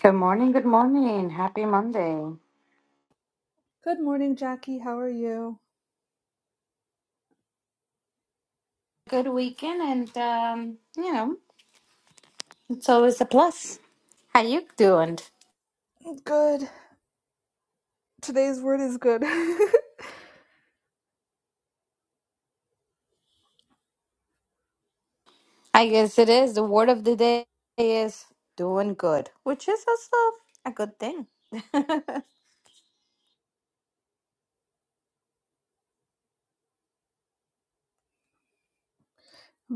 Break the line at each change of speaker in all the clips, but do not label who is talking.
Good morning, good morning. Happy Monday.
Good morning, Jackie. How are you?
Good weekend and um, you know, it's always a plus. How you doing?
Good. Today's word is good. I'm
I guess it is. The word of the day is doing good, which is also a good thing.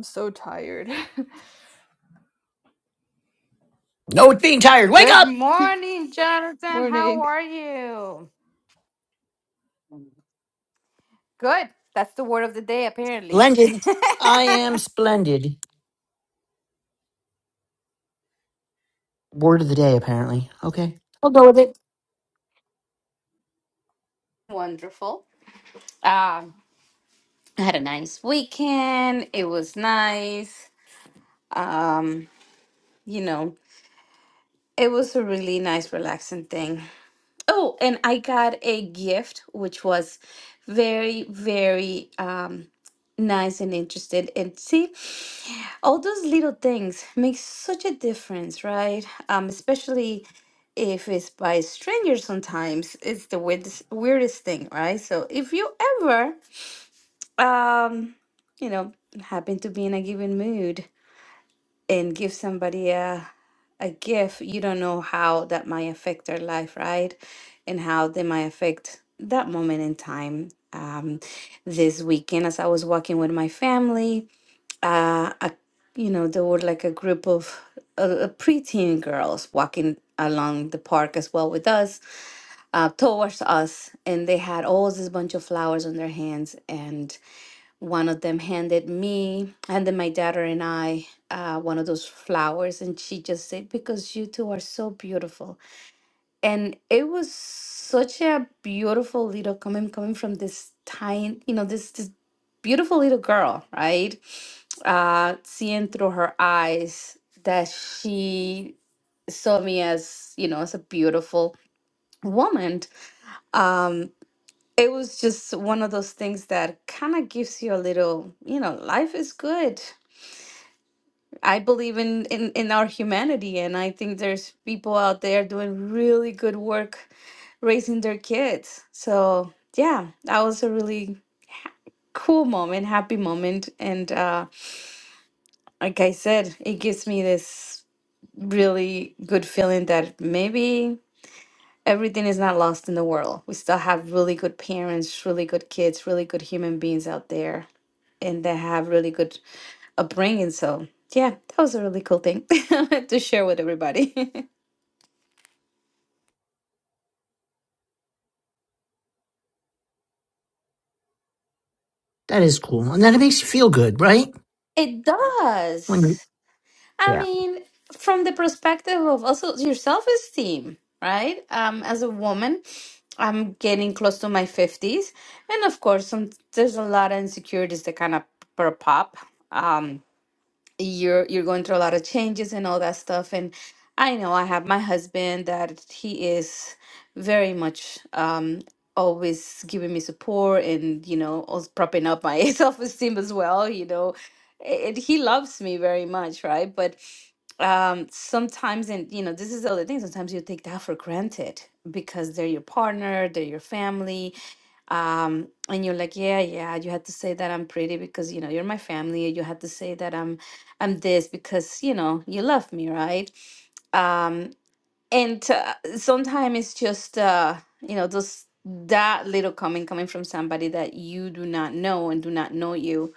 so tired.
No, it's being tired. Wake
good
up!
morning, Jonathan. How
morning.
are you? Good. That's the word of the day apparently.
Splendid. I am splendid. Word of the day, apparently. Okay. But
Wonderful. Um, I had a nice weekend. It was nice. Um, you know, It was a really nice, relaxing thing. Oh, and I got a gift, which was very, very um, nice and interesting. And see, all those little things make such a difference, right? Um, especially if it's by strangers. Sometimes it's the weirdest, weirdest thing, right? So if you ever, um, you know, happen to be in a given mood and give somebody a a gift, you don't know how that might affect their life, right? And how they might affect that moment in time. Um, this weekend, as I was walking with my family, uh, a, you know, there were like a group of uh, preteen girls walking along the park as well with us, uh, towards us, and they had all this bunch of flowers on their hands, and. One of them handed me, handed my daughter and I uh, one of those flowers, and she just said, Because you two are so beautiful. And it was such a beautiful little coming coming from this tiny, you know, this this beautiful little girl, right? Uh, seeing through her eyes that she saw me as, you know, as a beautiful woman. Um, it was just one of those things that kind of gives you a little, you know, life is good. I believe in, in in our humanity, and I think there's people out there doing really good work raising their kids. So yeah, that was a really cool moment, happy moment, and uh, like I said, it gives me this really good feeling that maybe. everything is not lost in the world. We still have really good parents, really good kids, really good human beings out there, and they have really good upbringing. So, yeah, that was a really cool thing to share with everybody.
That is cool. And then it makes you feel good, right?
it
When
does. I
Yeah.
mean, from the perspective of also your self-esteem, right? Um, as a woman, I'm getting close to my 50s, and of course, some, there's a lot of insecurities that kind of pop up. Um, you're you're going through a lot of changes and all that stuff and i know i have my husband that he is very much um always giving me support and you know also propping up my self-esteem as well you know and he loves me very much right but um sometimes and you know this is the other thing sometimes you take that for granted because they're your partner they're your family um and you're like yeah yeah you had to say that i'm pretty because you know you're my family you had to say that i'm i'm this because you know you love me right um and uh, sometimes it's just uh you know those that little comment coming from somebody that you do not know and do not know you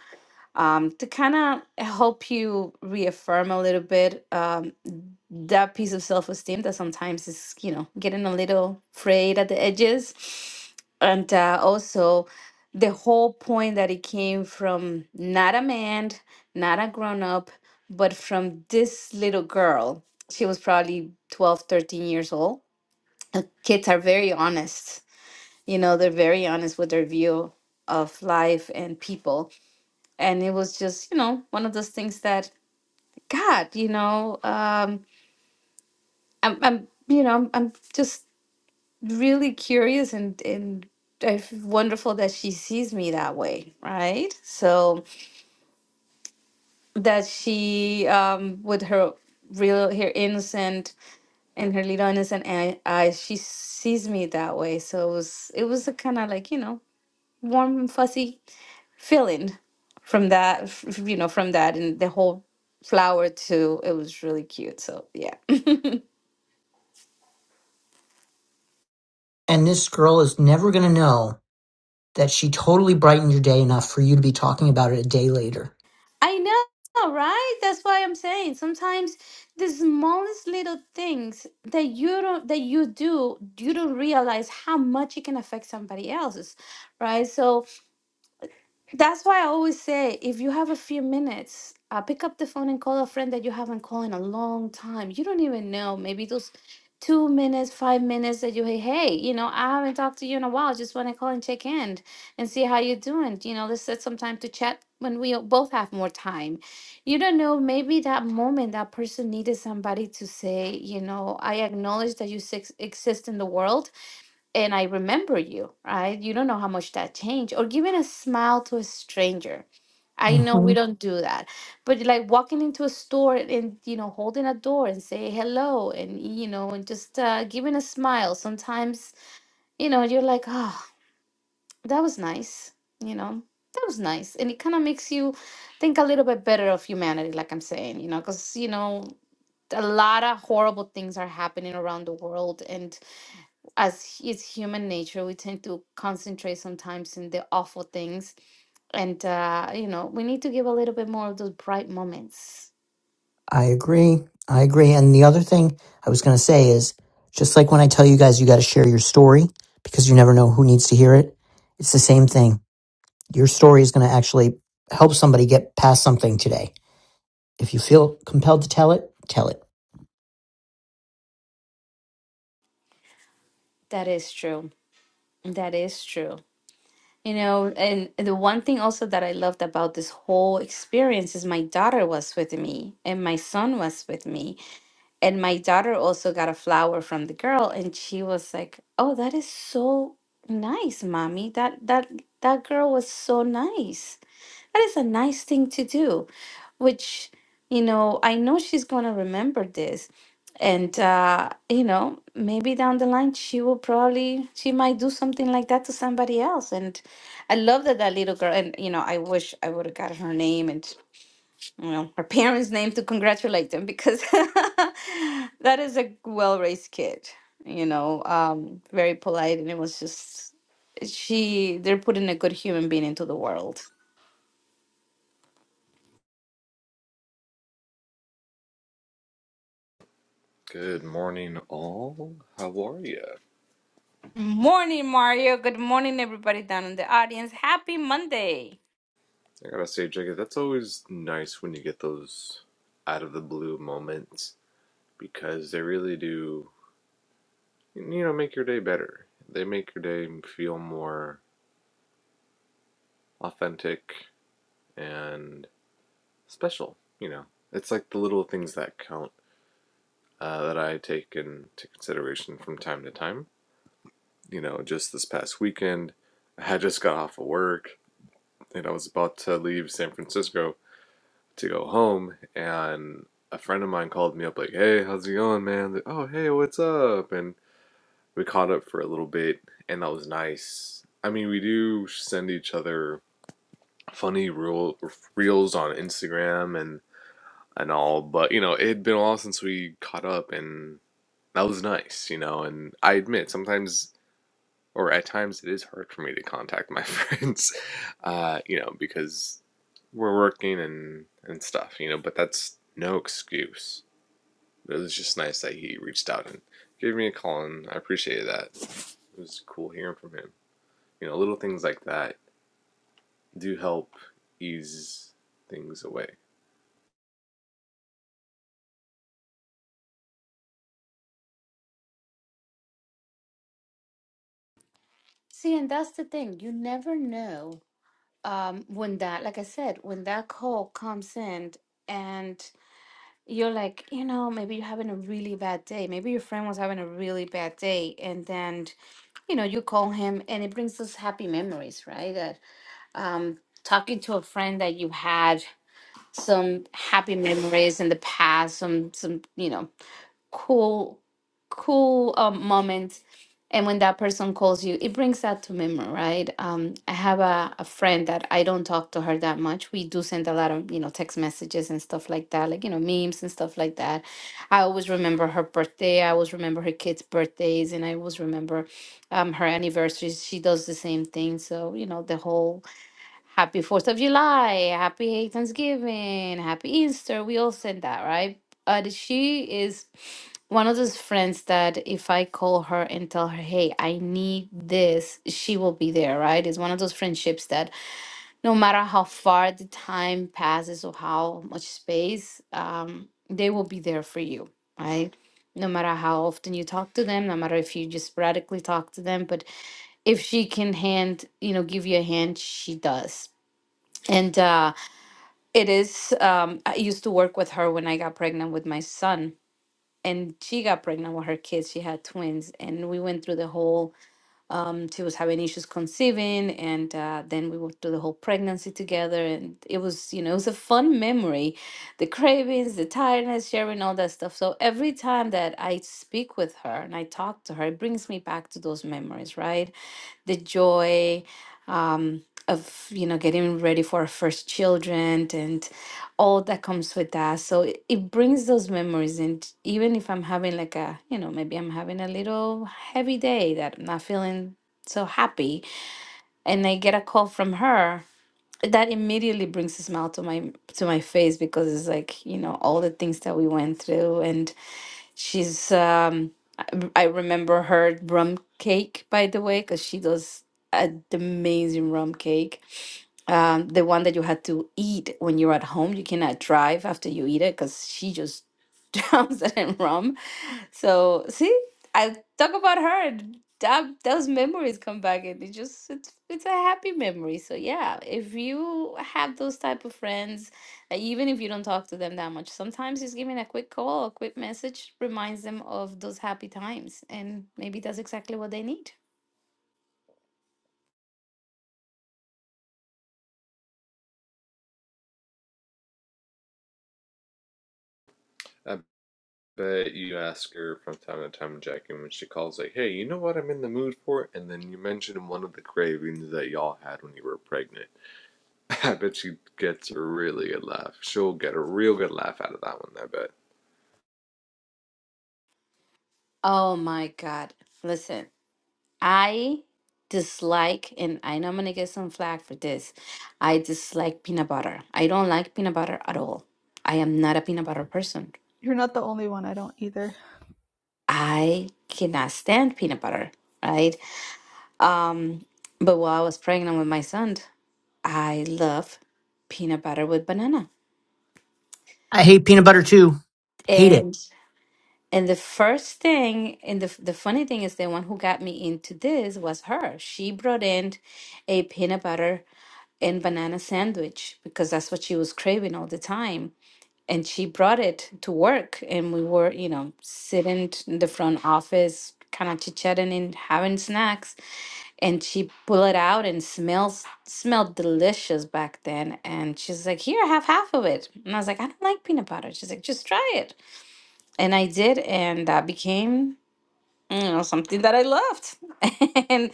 um to kind of help you reaffirm a little bit um, that piece of self-esteem that sometimes is you know getting a little frayed at the edges and uh, also the whole point that it came from not a man not a grown-up but from this little girl she was probably 12, 13 years old Uh, kids are very honest you know they're very honest with their view of life and people and it was just you know one of those things that god you know um, I'm, I'm, you know, I'm, I'm just really curious and and it's wonderful that she sees me that way, right? So that she, um, with her real, her innocent and her little innocent eye- eyes, she sees me that way. So it was, it was a kind of like you know, warm and fuzzy feeling from that, f- f- you know, from that and the whole flower too. It was really cute. So yeah.
And this girl is never going to know that she totally brightened your day enough for you to be talking about it a day later.
I know, right? That's why I'm saying sometimes the smallest little things that you don't that you do, you don't realize how much it can affect somebody else's, right? So that's why I always say if you have a few minutes, uh, pick up the phone and call a friend that you haven't called in a long time. You don't even know. Maybe those two minutes, five minutes that you hey, hey, you know, I haven't talked to you in a while. Just want to call and check in and see how you're doing. You know, let's set some time to chat when we both have more time. You don't know. Maybe that moment that person needed somebody to say, you know, I acknowledge that you sex- exist in the world and I remember you, right? You don't know how much that changed. Or giving a smile to a stranger. I know
hmm
we don't do that, but like walking into a store and you know holding a door and say hello and you know and just uh, giving a smile. Sometimes you know you're like, oh, that was nice. You know that was nice, and it kind of makes you think a little bit better of humanity, like I'm saying. You know, because you know a lot of horrible things are happening around the world, and as it's human nature, we tend to concentrate sometimes in the awful things. And, uh, you know, we need to give a little bit more of those bright moments.
I agree. I agree. And the other thing I was going to say is just like when I tell you guys you got to share your story because you never know who needs to hear it, it's the same thing. Your story is going to actually help somebody get past something today If you feel compelled to tell it, tell it.
That is true. That is true. You know, and the one thing also that I loved about this whole experience is my daughter was with me and my son was with me. And my daughter also got a flower from the girl and she was like, "Oh, that is so nice, mommy. That that that girl was so nice. That is a nice thing to do." which you know i know she's going to remember this and uh you know maybe down the line she will probably she might do something like that to somebody else and i love that that little girl and you know i wish i would have gotten her name and you know her parents name to congratulate them because that is a well-raised kid you know um very polite and it was just she they're putting a good human being into the world
Good morning, all. How are ya?
Morning, Mario. Good morning, everybody down in the audience. Happy Monday.
I gotta say, Jacob, that's always nice when you get those out of the blue moments because they really do, you know, make your day better. They make your day feel more authentic and special, you know. It's like the little things that count uh, that I take into consideration from time to time. You know, just this past weekend, I had just got off of work and I was about to leave San Francisco to go home and a friend of mine called me up like, "Hey, how's it going, man?" Like, "Oh, hey, what's up?" And we caught up for a little bit and that was nice. I mean, we do send each other funny reel, reels on Instagram and and all, but you know, it had been a while since we caught up and that was nice, you know, and I admit sometimes or at times it is hard for me to contact my friends, uh, you know, because we're working and and stuff, you know. But that's no excuse. It was just nice that he reached out and gave me a call, and I appreciated that. It was cool hearing from him. You know, little things like that do help ease things away.
See, and that's the thing. You never know um, when that, like I said, when that call comes in and you're like, you know, maybe you're having a really bad day. Maybe your friend was having a really bad day. And then, you know, you call him and it brings us happy memories, right? That um, talking to a friend that you had some happy memories in the past, some, some, you know, cool cool um, moments and when that person calls you it brings that to memory right um, i have a, a friend that i don't talk to her that much we do send a lot of you know text messages and stuff like that like you know memes and stuff like that i always remember her birthday i always remember her kids birthdays and i always remember um, her anniversaries she does the same thing so you know the whole Happy Fourth of July, Happy Thanksgiving, Happy Easter. We all said that, right? But she is one of those friends that if I call her and tell her, hey, I need this, she will be there, right? It's one of those friendships that no matter how far the time passes or how much space, um, they will be there for you, right? No matter how often you talk to them, no matter if you just sporadically talk to them, but if she can hand, you know, give you a hand, she does and uh, it is, um, I used to work with her when I got pregnant with my son. And she got pregnant with her kids. She had twins. And we went through the whole, um, she was having issues conceiving. And uh, then we went through the whole pregnancy together. And it was, you know, it was a fun memory the cravings, the tiredness, sharing all that stuff. So every time that I speak with her and I talk to her, it brings me back to those memories, right? the joy um, of you know getting ready for our first children and all that comes with that so it, it brings those memories and even if i'm having like a you know maybe i'm having a little heavy day that i'm not feeling so happy and i get a call from her that immediately brings a smile to my to my face because it's like you know all the things that we went through and She's um I I remember her rum cake by the way because she does an amazing rum cake. Um, the one that you had to eat when you're at home. You cannot drive after you eat it because she just drowns it in rum. So see, I talk about her and that those memories come back and it just it's it's a happy memory. So yeah, if you have those type of friends uh, Even if you don't talk to them that much, sometimes just giving a quick call, a quick message reminds them of those happy times. And maybe that's exactly what they need.
I bet you ask her from time to time, Jackie, when she calls, like, "Hey, you know what I'm in the mood for?" And then you mention one of the cravings that y'all had when you were pregnant I bet she gets a really good laugh. She'll get a real good laugh out of that one, I bet.
Oh my God. Listen, I dislike, and I know I'm going to get some flack for this. I dislike peanut butter. I don't like peanut butter at all. I am not a peanut butter person.
You're not the only one. I don't either.
I cannot stand peanut butter, right? Um, but while I was pregnant with my son, I love peanut butter with banana.
I hate peanut butter too. Hate it.
and. And the first thing, and the the funny thing is, the one who got me into this was her. She brought in a peanut butter and banana sandwich because that's what she was craving all the time. And she brought it to work, and we were, you know, sitting t- in the front office, kind of chit-chatting and having snacks. And she pulled it out and smells smelled delicious back then. And she's like, "Here, have half of it." And I was like, "I don't like peanut butter." She's like, "Just try it." And I did, and that became you know, something that I loved. and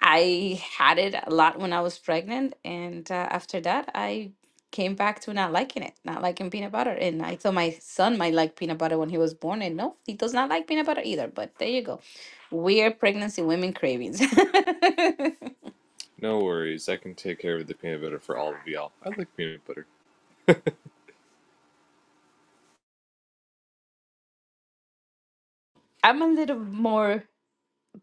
I had it a lot when I was pregnant. And uh, after that, I came back to not liking it, not liking peanut butter. And I thought my son might like peanut butter when he was born. And no, he does not like peanut butter either. But there you go. Weird pregnancy women cravings.
No worries, I can take care of the peanut butter for all of y'all. I like peanut butter.
I'm a little more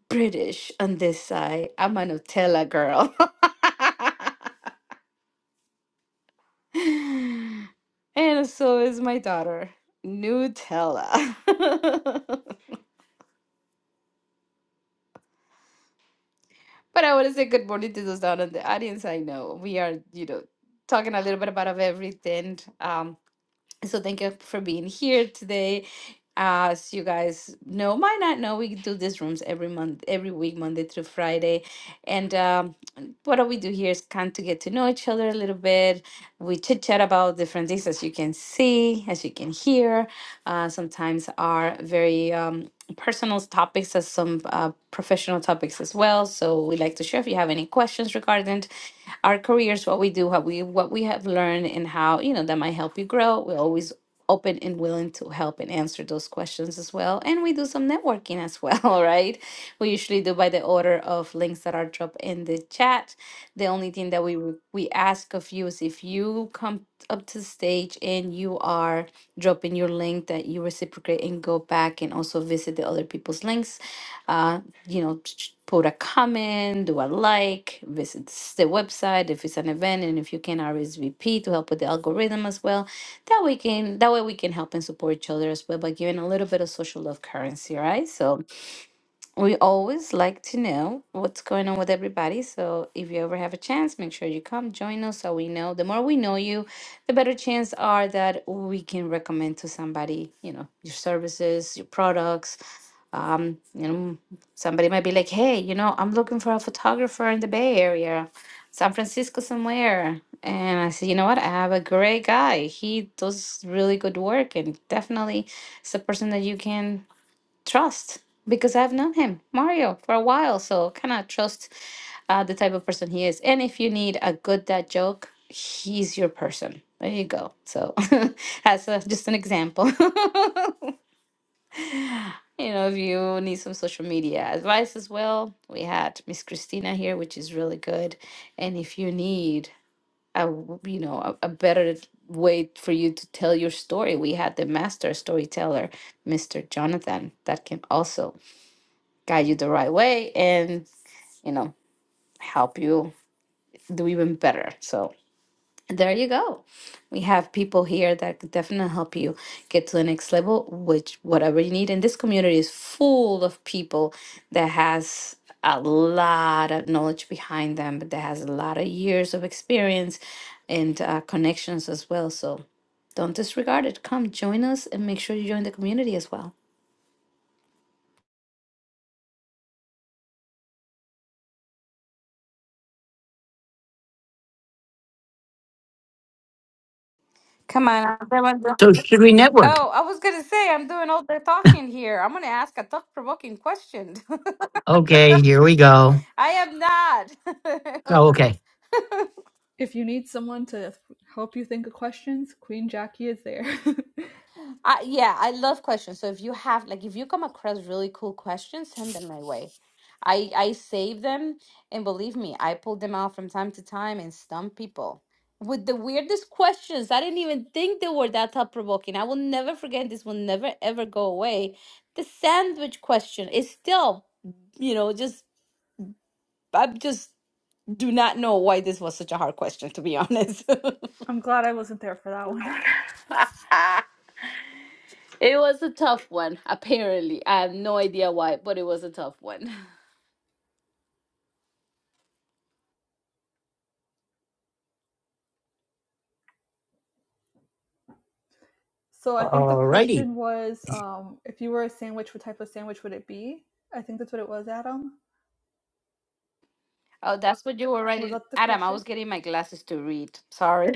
British on this side. I'm a Nutella girl. and so is my daughter, Nutella. But I want to say good morning to those down in the audience. I know we are, you know, talking a little bit about of everything. Um, so thank you for being here today. As you guys know, might not know, we do these rooms every month, every week, Monday through Friday. And um, what do we do here is kind to get to know each other a little bit. We chit chat about different things, as you can see, as you can hear. Uh, sometimes are very um, personal topics, as some uh, professional topics as well. So we like to share if you have any questions regarding our careers, what we do, what we what we have learned, and how you know that might help you grow. We're always open and willing to help and answer those questions as well. And we do some networking as well, right? We usually do by the order of links that are dropped in the chat. The only thing that we would- we ask of you is if you come up to the stage and you are dropping your link that you reciprocate and go back and also visit the other people's links Uh, you know, ch- ch- put a comment, do a like, visit s- the website if it's an event, and if you can RSVP to help with the algorithm as well. That we can that way we can help and support each other as well by giving a little bit of social love currency, right? So we always like to know what's going on with everybody. So if you ever have a chance, make sure you come join us so we know. The more we know you, the better chance are that we can recommend to somebody, you know, your services, your products um, you know, somebody might be like, hey, you know, I'm looking for a photographer in the Bay Area, San Francisco somewhere. And I said, you know what? I have a great guy. He does really good work and definitely it's a person that you can trust because I've known him, Mario, for a while. So kind of trust uh, the type of person he is. And if you need a good dad joke, he's your person. There you go. So that's a, just an example. You know, if you need some social media advice as well, we had Miss Christina here, which is really good. And if you need a, w- you know, a, a better way for you to tell your story, we had the master storyteller, Mr. Jonathan, that can also guide you the right way and, you know, help you do even better. So, there you go. We have people here that could definitely help you get to the next level, which whatever you need. And this community is full of people that has a lot of knowledge behind them, but that has a lot of years of experience and uh, connections as well. So don't disregard it. Come join us and make sure you join the community as well. Come on, everyone.
So should we network?
Oh, I was gonna say I'm doing all the talking here. I'm gonna ask a thought-provoking question.
Okay, here we go.
I am not.
Oh, okay.
If you need someone to help you think of questions, Queen Jackie is there.
I, yeah, I love questions. So if you have like if you come across really cool questions, send them my way. I I save them and believe me, I pull them out from time to time and stump people with the weirdest questions. I didn't even think they were that thought provoking. I will never forget this will never ever go away. The sandwich question is still, you know, just I just do not know why this was such a hard question to be honest.
I'm glad I wasn't there for that one.
It was a tough one, apparently. I have no idea why, but it was a tough one.
So I think the
Alrighty.
question was, um, if you were a sandwich, what type of sandwich would it be? I think that's what it was, Adam.
Oh, that's what you were
Was
writing.
that the
Adam, I
question?
was getting my glasses to read. Sorry.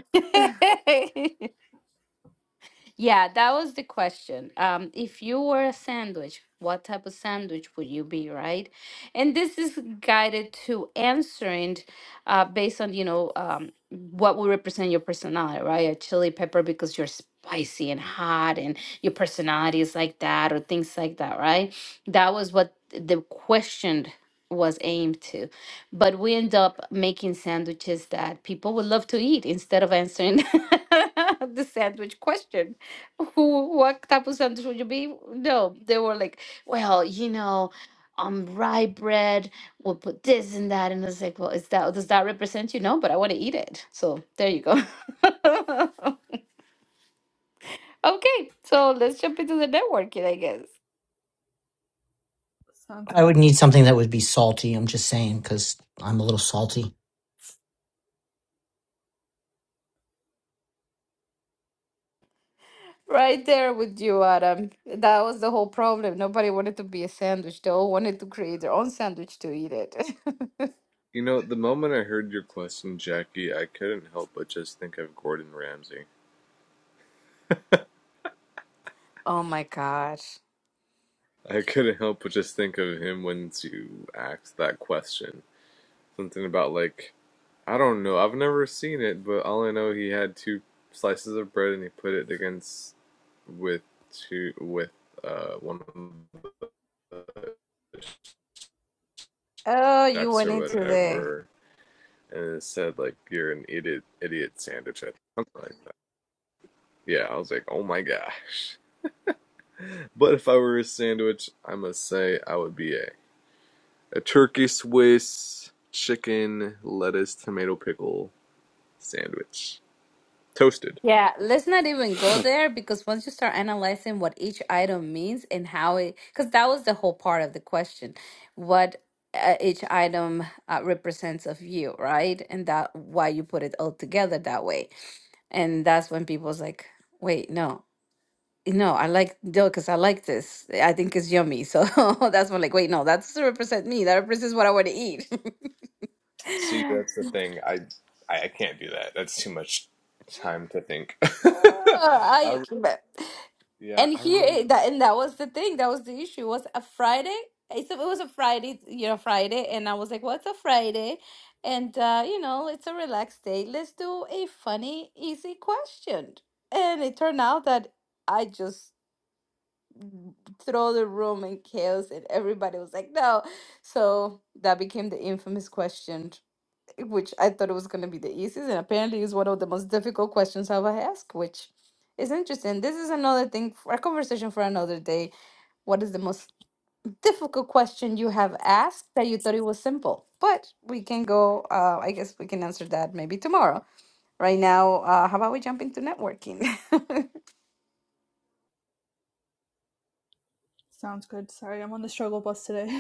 Yeah, that was the question. Um, if you were a sandwich, what type of sandwich would you be, right? And this is guided to answering uh, based on, you know, um, what will represent your personality, right? A chili pepper because you're spicy and hot and your personality is like that or things like that, right? That was what the question was aimed to. But we end up making sandwiches that people would love to eat instead of answering the sandwich question who what type of sandwich would you be? No, they were like, well, you know, um, rye bread. We'll put this and that, and I was like, well, is that does that represent you? No, but I want to eat it. So there you go. okay, so let's jump into the networking, I guess.
Sounds
I
good.
would need something that would be salty. I'm just saying because I'm a little salty.
Right there with you, Adam. That was the whole problem. Nobody wanted to be a sandwich. They all wanted to create their own sandwich to eat it.
You know, the moment I heard your question, Jackie, I couldn't help but just think of Gordon Ramsay.
oh my gosh.
I couldn't help but just think of him when you asked that question. Something about, like, I don't know, I've never seen it, but all I know he had two slices of bread and he put it against with two, with, uh, one of the
Oh, you
chefs
went
or
into there.
whatever and it said like you're an idiot idiot sandwich I think, like yeah i was like oh my gosh but if i were a sandwich i must say i would be a, a turkey swiss chicken lettuce tomato pickle sandwich toasted
Yeah, let's not even go there because once you start analyzing what each item means and how it, because that was the whole part of the question, what uh, each item uh, represents of you, right? And that why you put it all together that way. And that's when people's like, wait, no, no, I like no, because I like this. I think it's yummy. So that's when like, wait, no, that's to represent me. That represents what I want to eat.
see that's the thing i i, I can't do that that's too much time to think
Uh,
I,
I but-
yeah
and
i
here eh,
remember
that and that was the thing that was the issue was a Friday. It's a, it was a Friday, you know, Friday, and I was like, "What's a Friday?" And uh, you know, it's a relaxed day. Let's do a funny, easy question. And it turned out that I just throw the room in chaos, and everybody was like, "No." So that became the infamous question which I thought it was going to be the easiest, and apparently is one of the most difficult questions I've ever asked, which is interesting. This is another thing for a conversation for another day. What is the most difficult question you have asked that you thought it was simple? But we can go, uh, I guess we can answer that maybe tomorrow. Right now, uh, how about we jump into networking?
Sounds good. Sorry, I'm on the struggle bus today.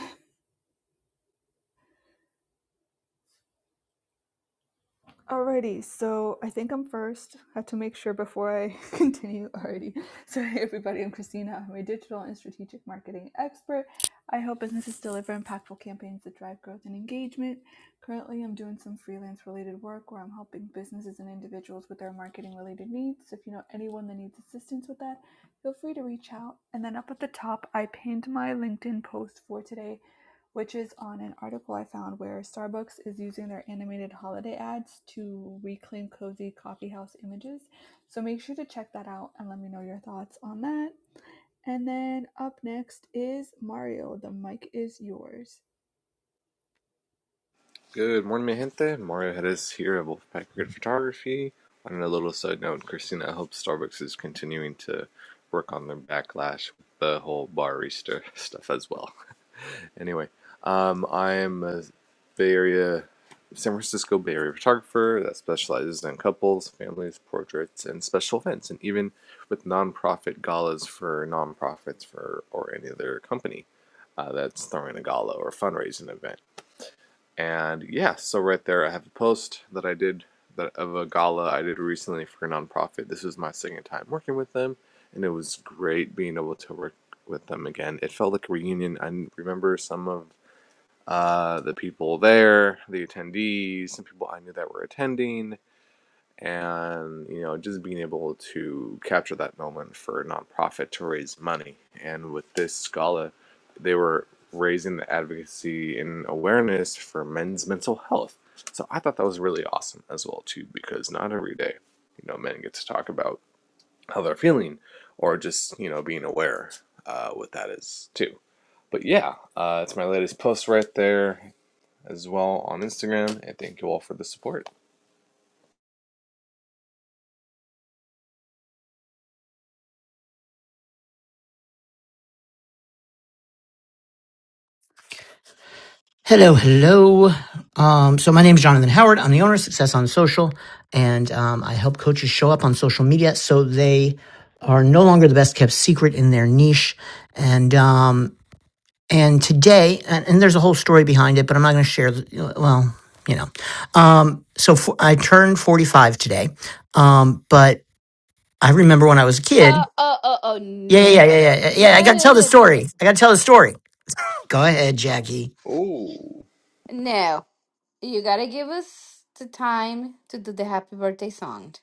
Alrighty, so I think I'm first. Have to make sure before I continue. Alrighty, so hey everybody, I'm Christina. I'm a digital and strategic marketing expert. I help businesses deliver impactful campaigns that drive growth and engagement. Currently, I'm doing some freelance related work where I'm helping businesses and individuals with their marketing related needs. So If you know anyone that needs assistance with that, feel free to reach out. And then up at the top, I pinned my LinkedIn post for today which is on an article I found where Starbucks is using their animated holiday ads to reclaim cozy coffee house images. So make sure to check that out and let me know your thoughts on that. And then up next is Mario. The mic is yours.
Good morning, mi gente. Mario Hedges here at Wolfpack Grid Photography. On a little side note, Christina, I hope Starbucks is continuing to work on their backlash with the whole barista stuff as well. Anyway, um, I am a Bay Area, San Francisco Bay Area photographer that specializes in couples, families, portraits, and special events, and even with nonprofit galas for nonprofits for or any other company uh, that's throwing a gala or fundraising event. And yeah, so right there, I have a post that I did that of a gala I did recently for a nonprofit. This was my second time working with them, and it was great being able to work with them again. It felt like a reunion. I remember some of uh, the people there, the attendees, some people I knew that were attending and you know just being able to capture that moment for a nonprofit to raise money and with this scala they were raising the advocacy and awareness for men's mental health so i thought that was really awesome as well too because not every day you know men get to talk about how they're feeling or just you know being aware uh, what that is too but yeah uh, it's my latest post right there as well on instagram and thank you all for the support
Hello, hello. Um, so my name is Jonathan Howard. I'm the owner of Success on Social, and um, I help coaches show up on social media so they are no longer the best kept secret in their niche. And um, and today, and, and there's a whole story behind it, but I'm not going to share. Well, you know. Um, so for, I turned 45 today, um, but I remember when I was a
Uh,
kid.
oh, oh, oh,
Yeah, yeah,
no.
yeah, yeah, yeah. yeah, I
No,
got to tell the
no, no, no.
story.
No,
I got to tell the story. Go ahead, Jackie.
Oh.
No, You gotta give us the time to do the happy birthday song.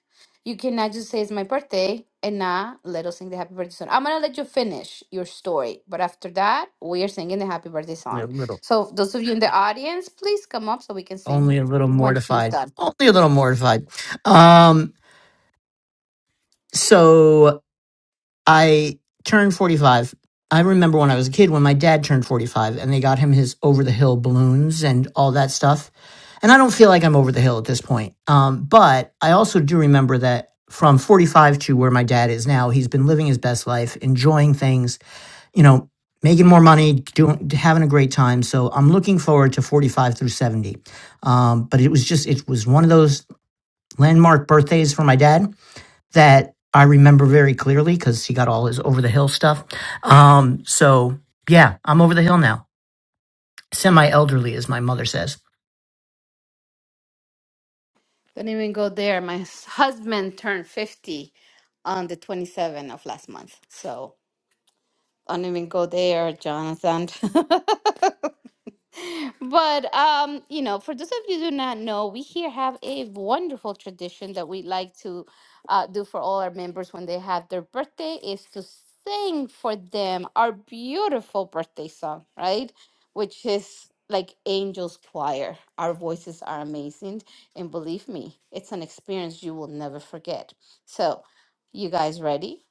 You cannot just say it's my birthday and not let us sing the happy birthday song. I'm gonna let you finish your story, but after that, we are singing the happy birthday song.
little.
So those of you in the audience, please come up so we can sing
only a little
when he's
mortified
done.
only a little mortified um so i turned 45 i remember when i was a kid when my dad turned 45 and they got him his over the hill balloons and all that stuff and i don't feel like i'm over the hill at this point um but i also do remember that from 45 to where my dad is now he's been living his best life enjoying things you know making more money doing having a great time so i'm looking forward to 45 through 70 um, but it was just it was one of those landmark birthdays for my dad that I remember very clearly because he got all his over the hill stuff. Um, so yeah, I'm over the hill now. Semi elderly, as my mother says.
Don't even go there. My s- husband turned 50 on the 27th of last month. So don't even go there, Jonathan. But um, you know, for those of you who do not know, we here have a wonderful tradition that we like to uh, do for all our members when they have their birthday is to sing for them our beautiful birthday song, right? Which is like Angels Choir. Our voices are amazing, and believe me, it's an experience you will never forget. So, you guys ready?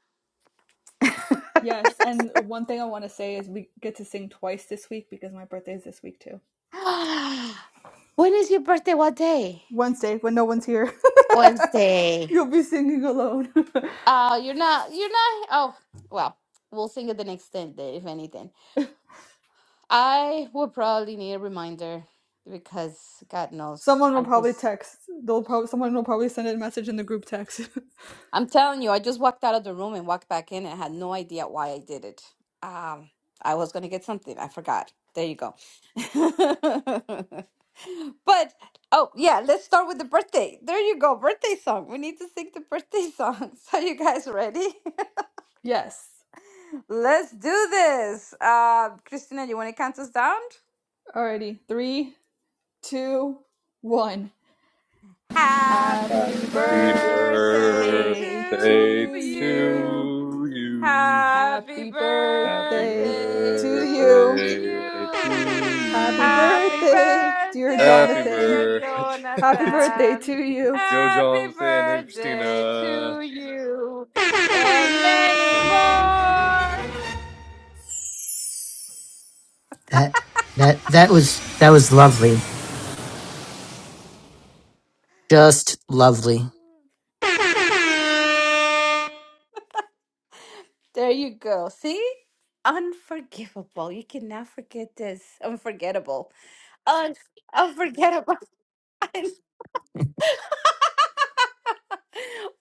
Yes, and one thing I want to say is we get to sing twice this week because my birthday is this week too.
when is your birthday? What day?
Wednesday, when no one's here,
Wednesday.
you'll be singing alone.
Uh, you're not, you're not, oh, well, we'll think at the next thing, then, if anything. I would probably need a reminder because God knows,
someone will
I
probably
just,
text. They'll probably someone will probably send a message in the group text.
I'm telling you, I just walked out of the room and walked back in and had no idea why I did it. Um, I was gonna get something, I forgot. There you go. But, oh, yeah, let's start with the birthday. There you go, birthday song. We need to sing the birthday songs. Are you guys ready?
yes.
Let's do this. Uh, Christina, you want to count us down?
Alrighty, three, two, one.
Happy
Happy
Happy
birthday
birthday
birthday
to
to
you.
you.
to you.
Happy
Happy
Happy
birthday
birthday
to
to
you.
birthday to
you.
Happy
you.
Happy
birthday, dear
Happy
birthday,
Jonathan.
dear
birthday.
Happy
to-
birthday to
Jonathan.
you.
Go,
Happy
Jonathan and
birthday to
Christina.
you and many more.
That that that was that was lovely. Just lovely.
There you go. See? Unforgivable. You cannot forget this. Unforgettable. Un- unforgettable.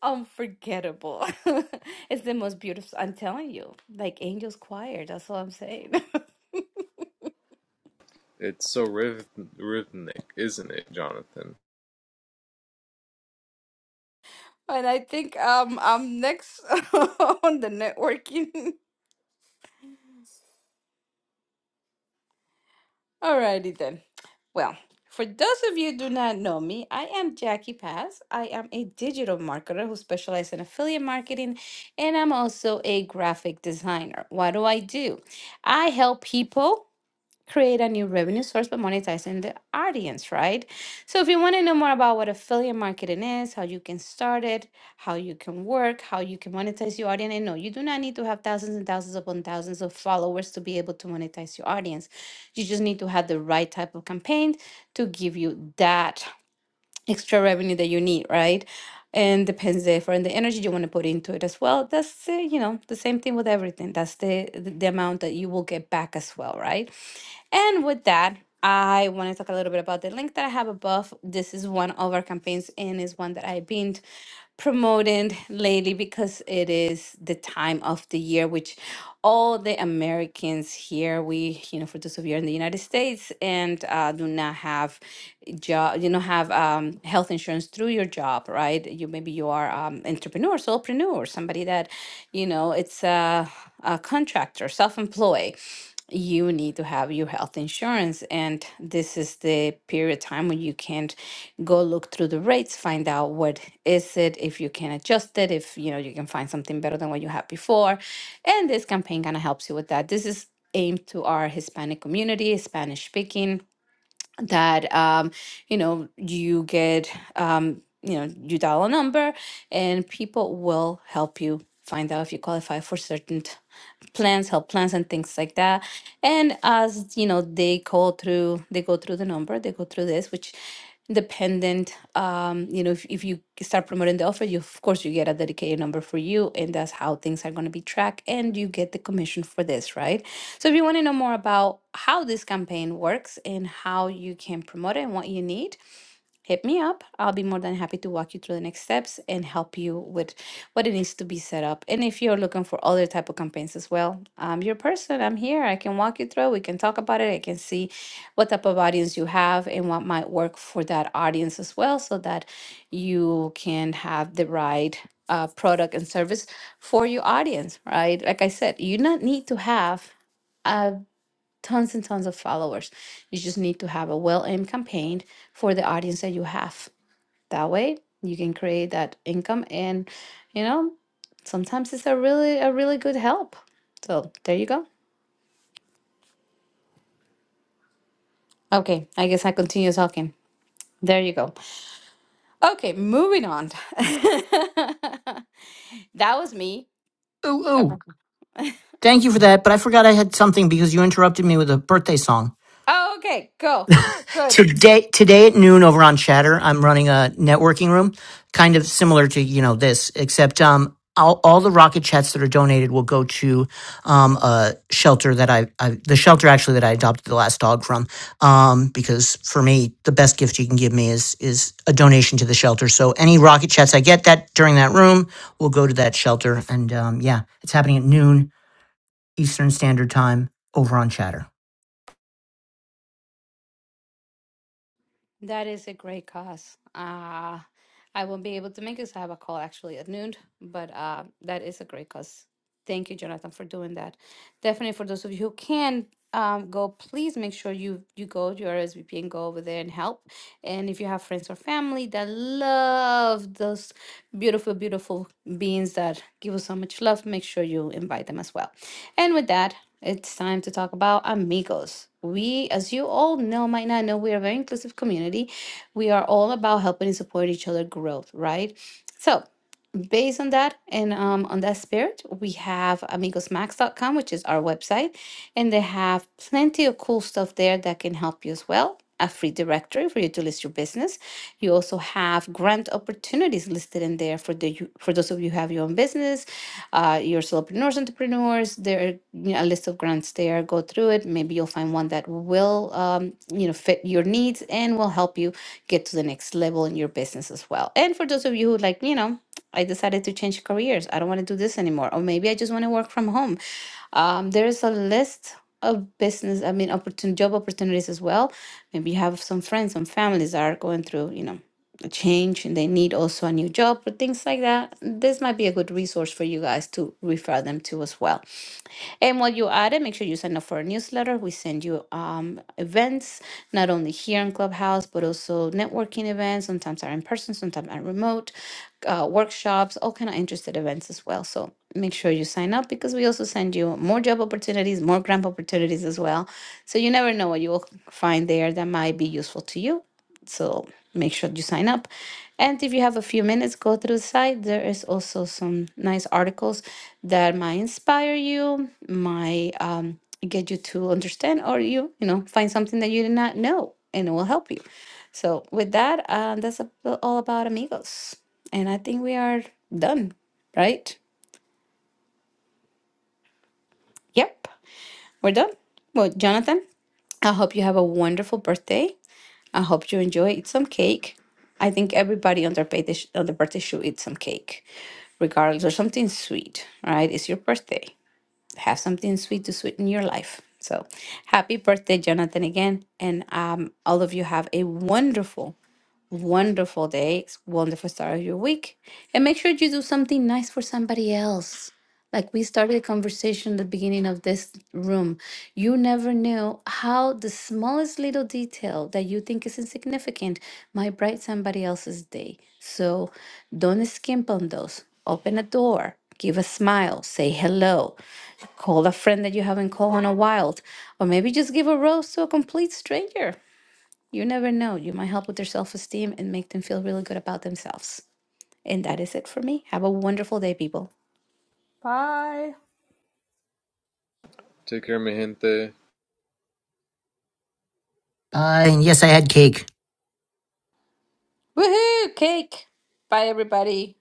unforgettable. it's the most beautiful. I'm telling you, like Angel's Choir. That's all I'm saying.
It's so rhythmic, isn't it, Jonathan?
and I think um I'm next on the networking. Alrighty then. Well, for those of you who do not know me, I am Jackie Paz. I am a digital marketer who specializes in affiliate marketing, and I'm also a graphic designer. What do I do? I help people create a new revenue source by monetizing the audience, right? So if you want to know more about what affiliate marketing is, how you can start it, how you can work, how you can monetize your audience, and no, you do not need to have thousands and thousands upon thousands of followers to be able to monetize your audience. You just need to have the right type of campaign to give you that extra revenue that you need, right? And depends therefore on the energy you want to put into it as well. That's uh, you know the same thing with everything. That's the the the amount that you will get back as well, right? And with that, I want to talk a little bit about the link that I have above. This is one of our campaigns and is one that I've been promoting lately because it is the time of the year which all the Americans here we you know for those of you in the United States and uh, do not have job you know have um, health insurance through your job right you maybe you are um, entrepreneur solopreneur somebody that you know it's a, a contractor self-employed you need to have your health insurance and this is the period of time when you can't go look through the rates find out what is it if you can adjust it if you know you can find something better than what you had before and this campaign kind of helps you with that this is aimed to our hispanic community spanish speaking that um, you know you get um, you know you dial a number and people will help you find out if you qualify for certain plans, help plans, and things like that. And as you know, they go through, they go through the number, they go through this, which dependent um you know if, if you start promoting the offer you of course you get a dedicated number for you and that's how things are going to be tracked and you get the commission for this right so if you want to know more about how this campaign works and how you can promote it and what you need hit me up. I'll be more than happy to walk you through the next steps and help you with what it needs to be set up. And if you're looking for other type of campaigns as well, I'm your person. I'm here. I can walk you through. We can talk about it. I can see what type of audience you have and what might work for that audience as well, so that you can have the right uh, product and service for your audience. Right? Like I said, you not need to have. Uh, tons and tons of followers you just need to have a well-aimed campaign for the audience that you have that way you can create that income and you know, sometimes it's a really a really good help. So there you go. Okay, I guess I continue talking. There you go. Okay, moving on. that was me.
Ooh, ooh.
Okay.
Thank you for that. But I forgot I had something because you interrupted me with a birthday song.
Oh, okay, go. Good.
Today, today at noon over on Chatter, I'm running a networking room, kind of similar to you know this, except um, all, all the rocket chats that are donated will go to um, a shelter that I, I, the shelter actually that I adopted the last dog from, um, because for me the best gift you can give me is is a donation to the shelter. So any rocket chats I get that during that room will go to that shelter, and um, yeah, it's happening at noon Eastern Standard Time over on Chatter.
That is a great cause. Uh, I won't be able to make it 'cause I have a call actually at noon, but uh, that is a great cause. Thank you, Jonathan, for doing that. definitely for those of you who can um, go, please make sure you you go to your RSVP and go over there and help. And if you have friends or family that love those beautiful, beautiful beings that give us so much love, make sure you invite them as well. And with that, it's time to talk about amigos. We, as you all know, might not know, we are a very inclusive community. We are all about helping and supporting each other growth, right? So based on that and um, on that spirit, we have amigos max dot com, which is our website, and they have plenty of cool stuff there that can help you as well. A free directory for you to list your business. You also have grant opportunities listed in there for the for those of you who have your own business, uh, your solopreneurs, entrepreneurs. There are you know, a list of grants there. Go through it. Maybe you'll find one that will um, you know fit your needs and will help you get to the next level in your business as well. And for those of you who like, you know, I decided to change careers. I don't want to do this anymore. Or maybe I just want to work from home. Um, there is a list of business, I mean, opportun job opportunities as well. Maybe you have some friends, some families that are going through, you know, a change and they need also a new job or things like that. This might be a good resource for you guys to refer them to as well. And while you're at it, make sure you sign up for our newsletter. We send you um, events, not only here in Clubhouse, but also networking events. Sometimes are in person, sometimes are remote, uh, workshops, all kind of interested events as well. So make sure you sign up because we also send you more job opportunities, more grant opportunities as well. So you never know what you will find there that might be useful to you so make sure you sign up. And if you have a few minutes, go through the site. There is also some nice articles that might inspire you, might um, get you to understand, or you, you know, find something that you did not know, and it will help you. So with that, uh, that's a- all about amigos, and I think we are done, right? Yep, we're done. Well, Jonathan, I hope you have a wonderful birthday. I hope you enjoy. Eat some cake. I think everybody on their birthday sh- on their birthday should eat some cake, regardless, or something sweet. Right? It's your birthday. Have something sweet to sweeten your life. So, happy birthday, Jonathan, again, and um, all of you have a wonderful wonderful day, wonderful start of your week. And make sure you do something nice for somebody else. Like we started a conversation at the beginning of this room. You never knew how the smallest little detail that you think is insignificant might brighten somebody else's day. So don't skimp on those. Open a door, give a smile, say hello, call a friend that you haven't called in a while, or maybe just give a rose to a complete stranger. You never know. You might help with their self esteem and make them feel really good about themselves. And that is it for me. Have a wonderful day, people.
Bye.
Take care, mi gente.
Uh, and yes, I had cake.
Woohoo! Cake! Bye, everybody.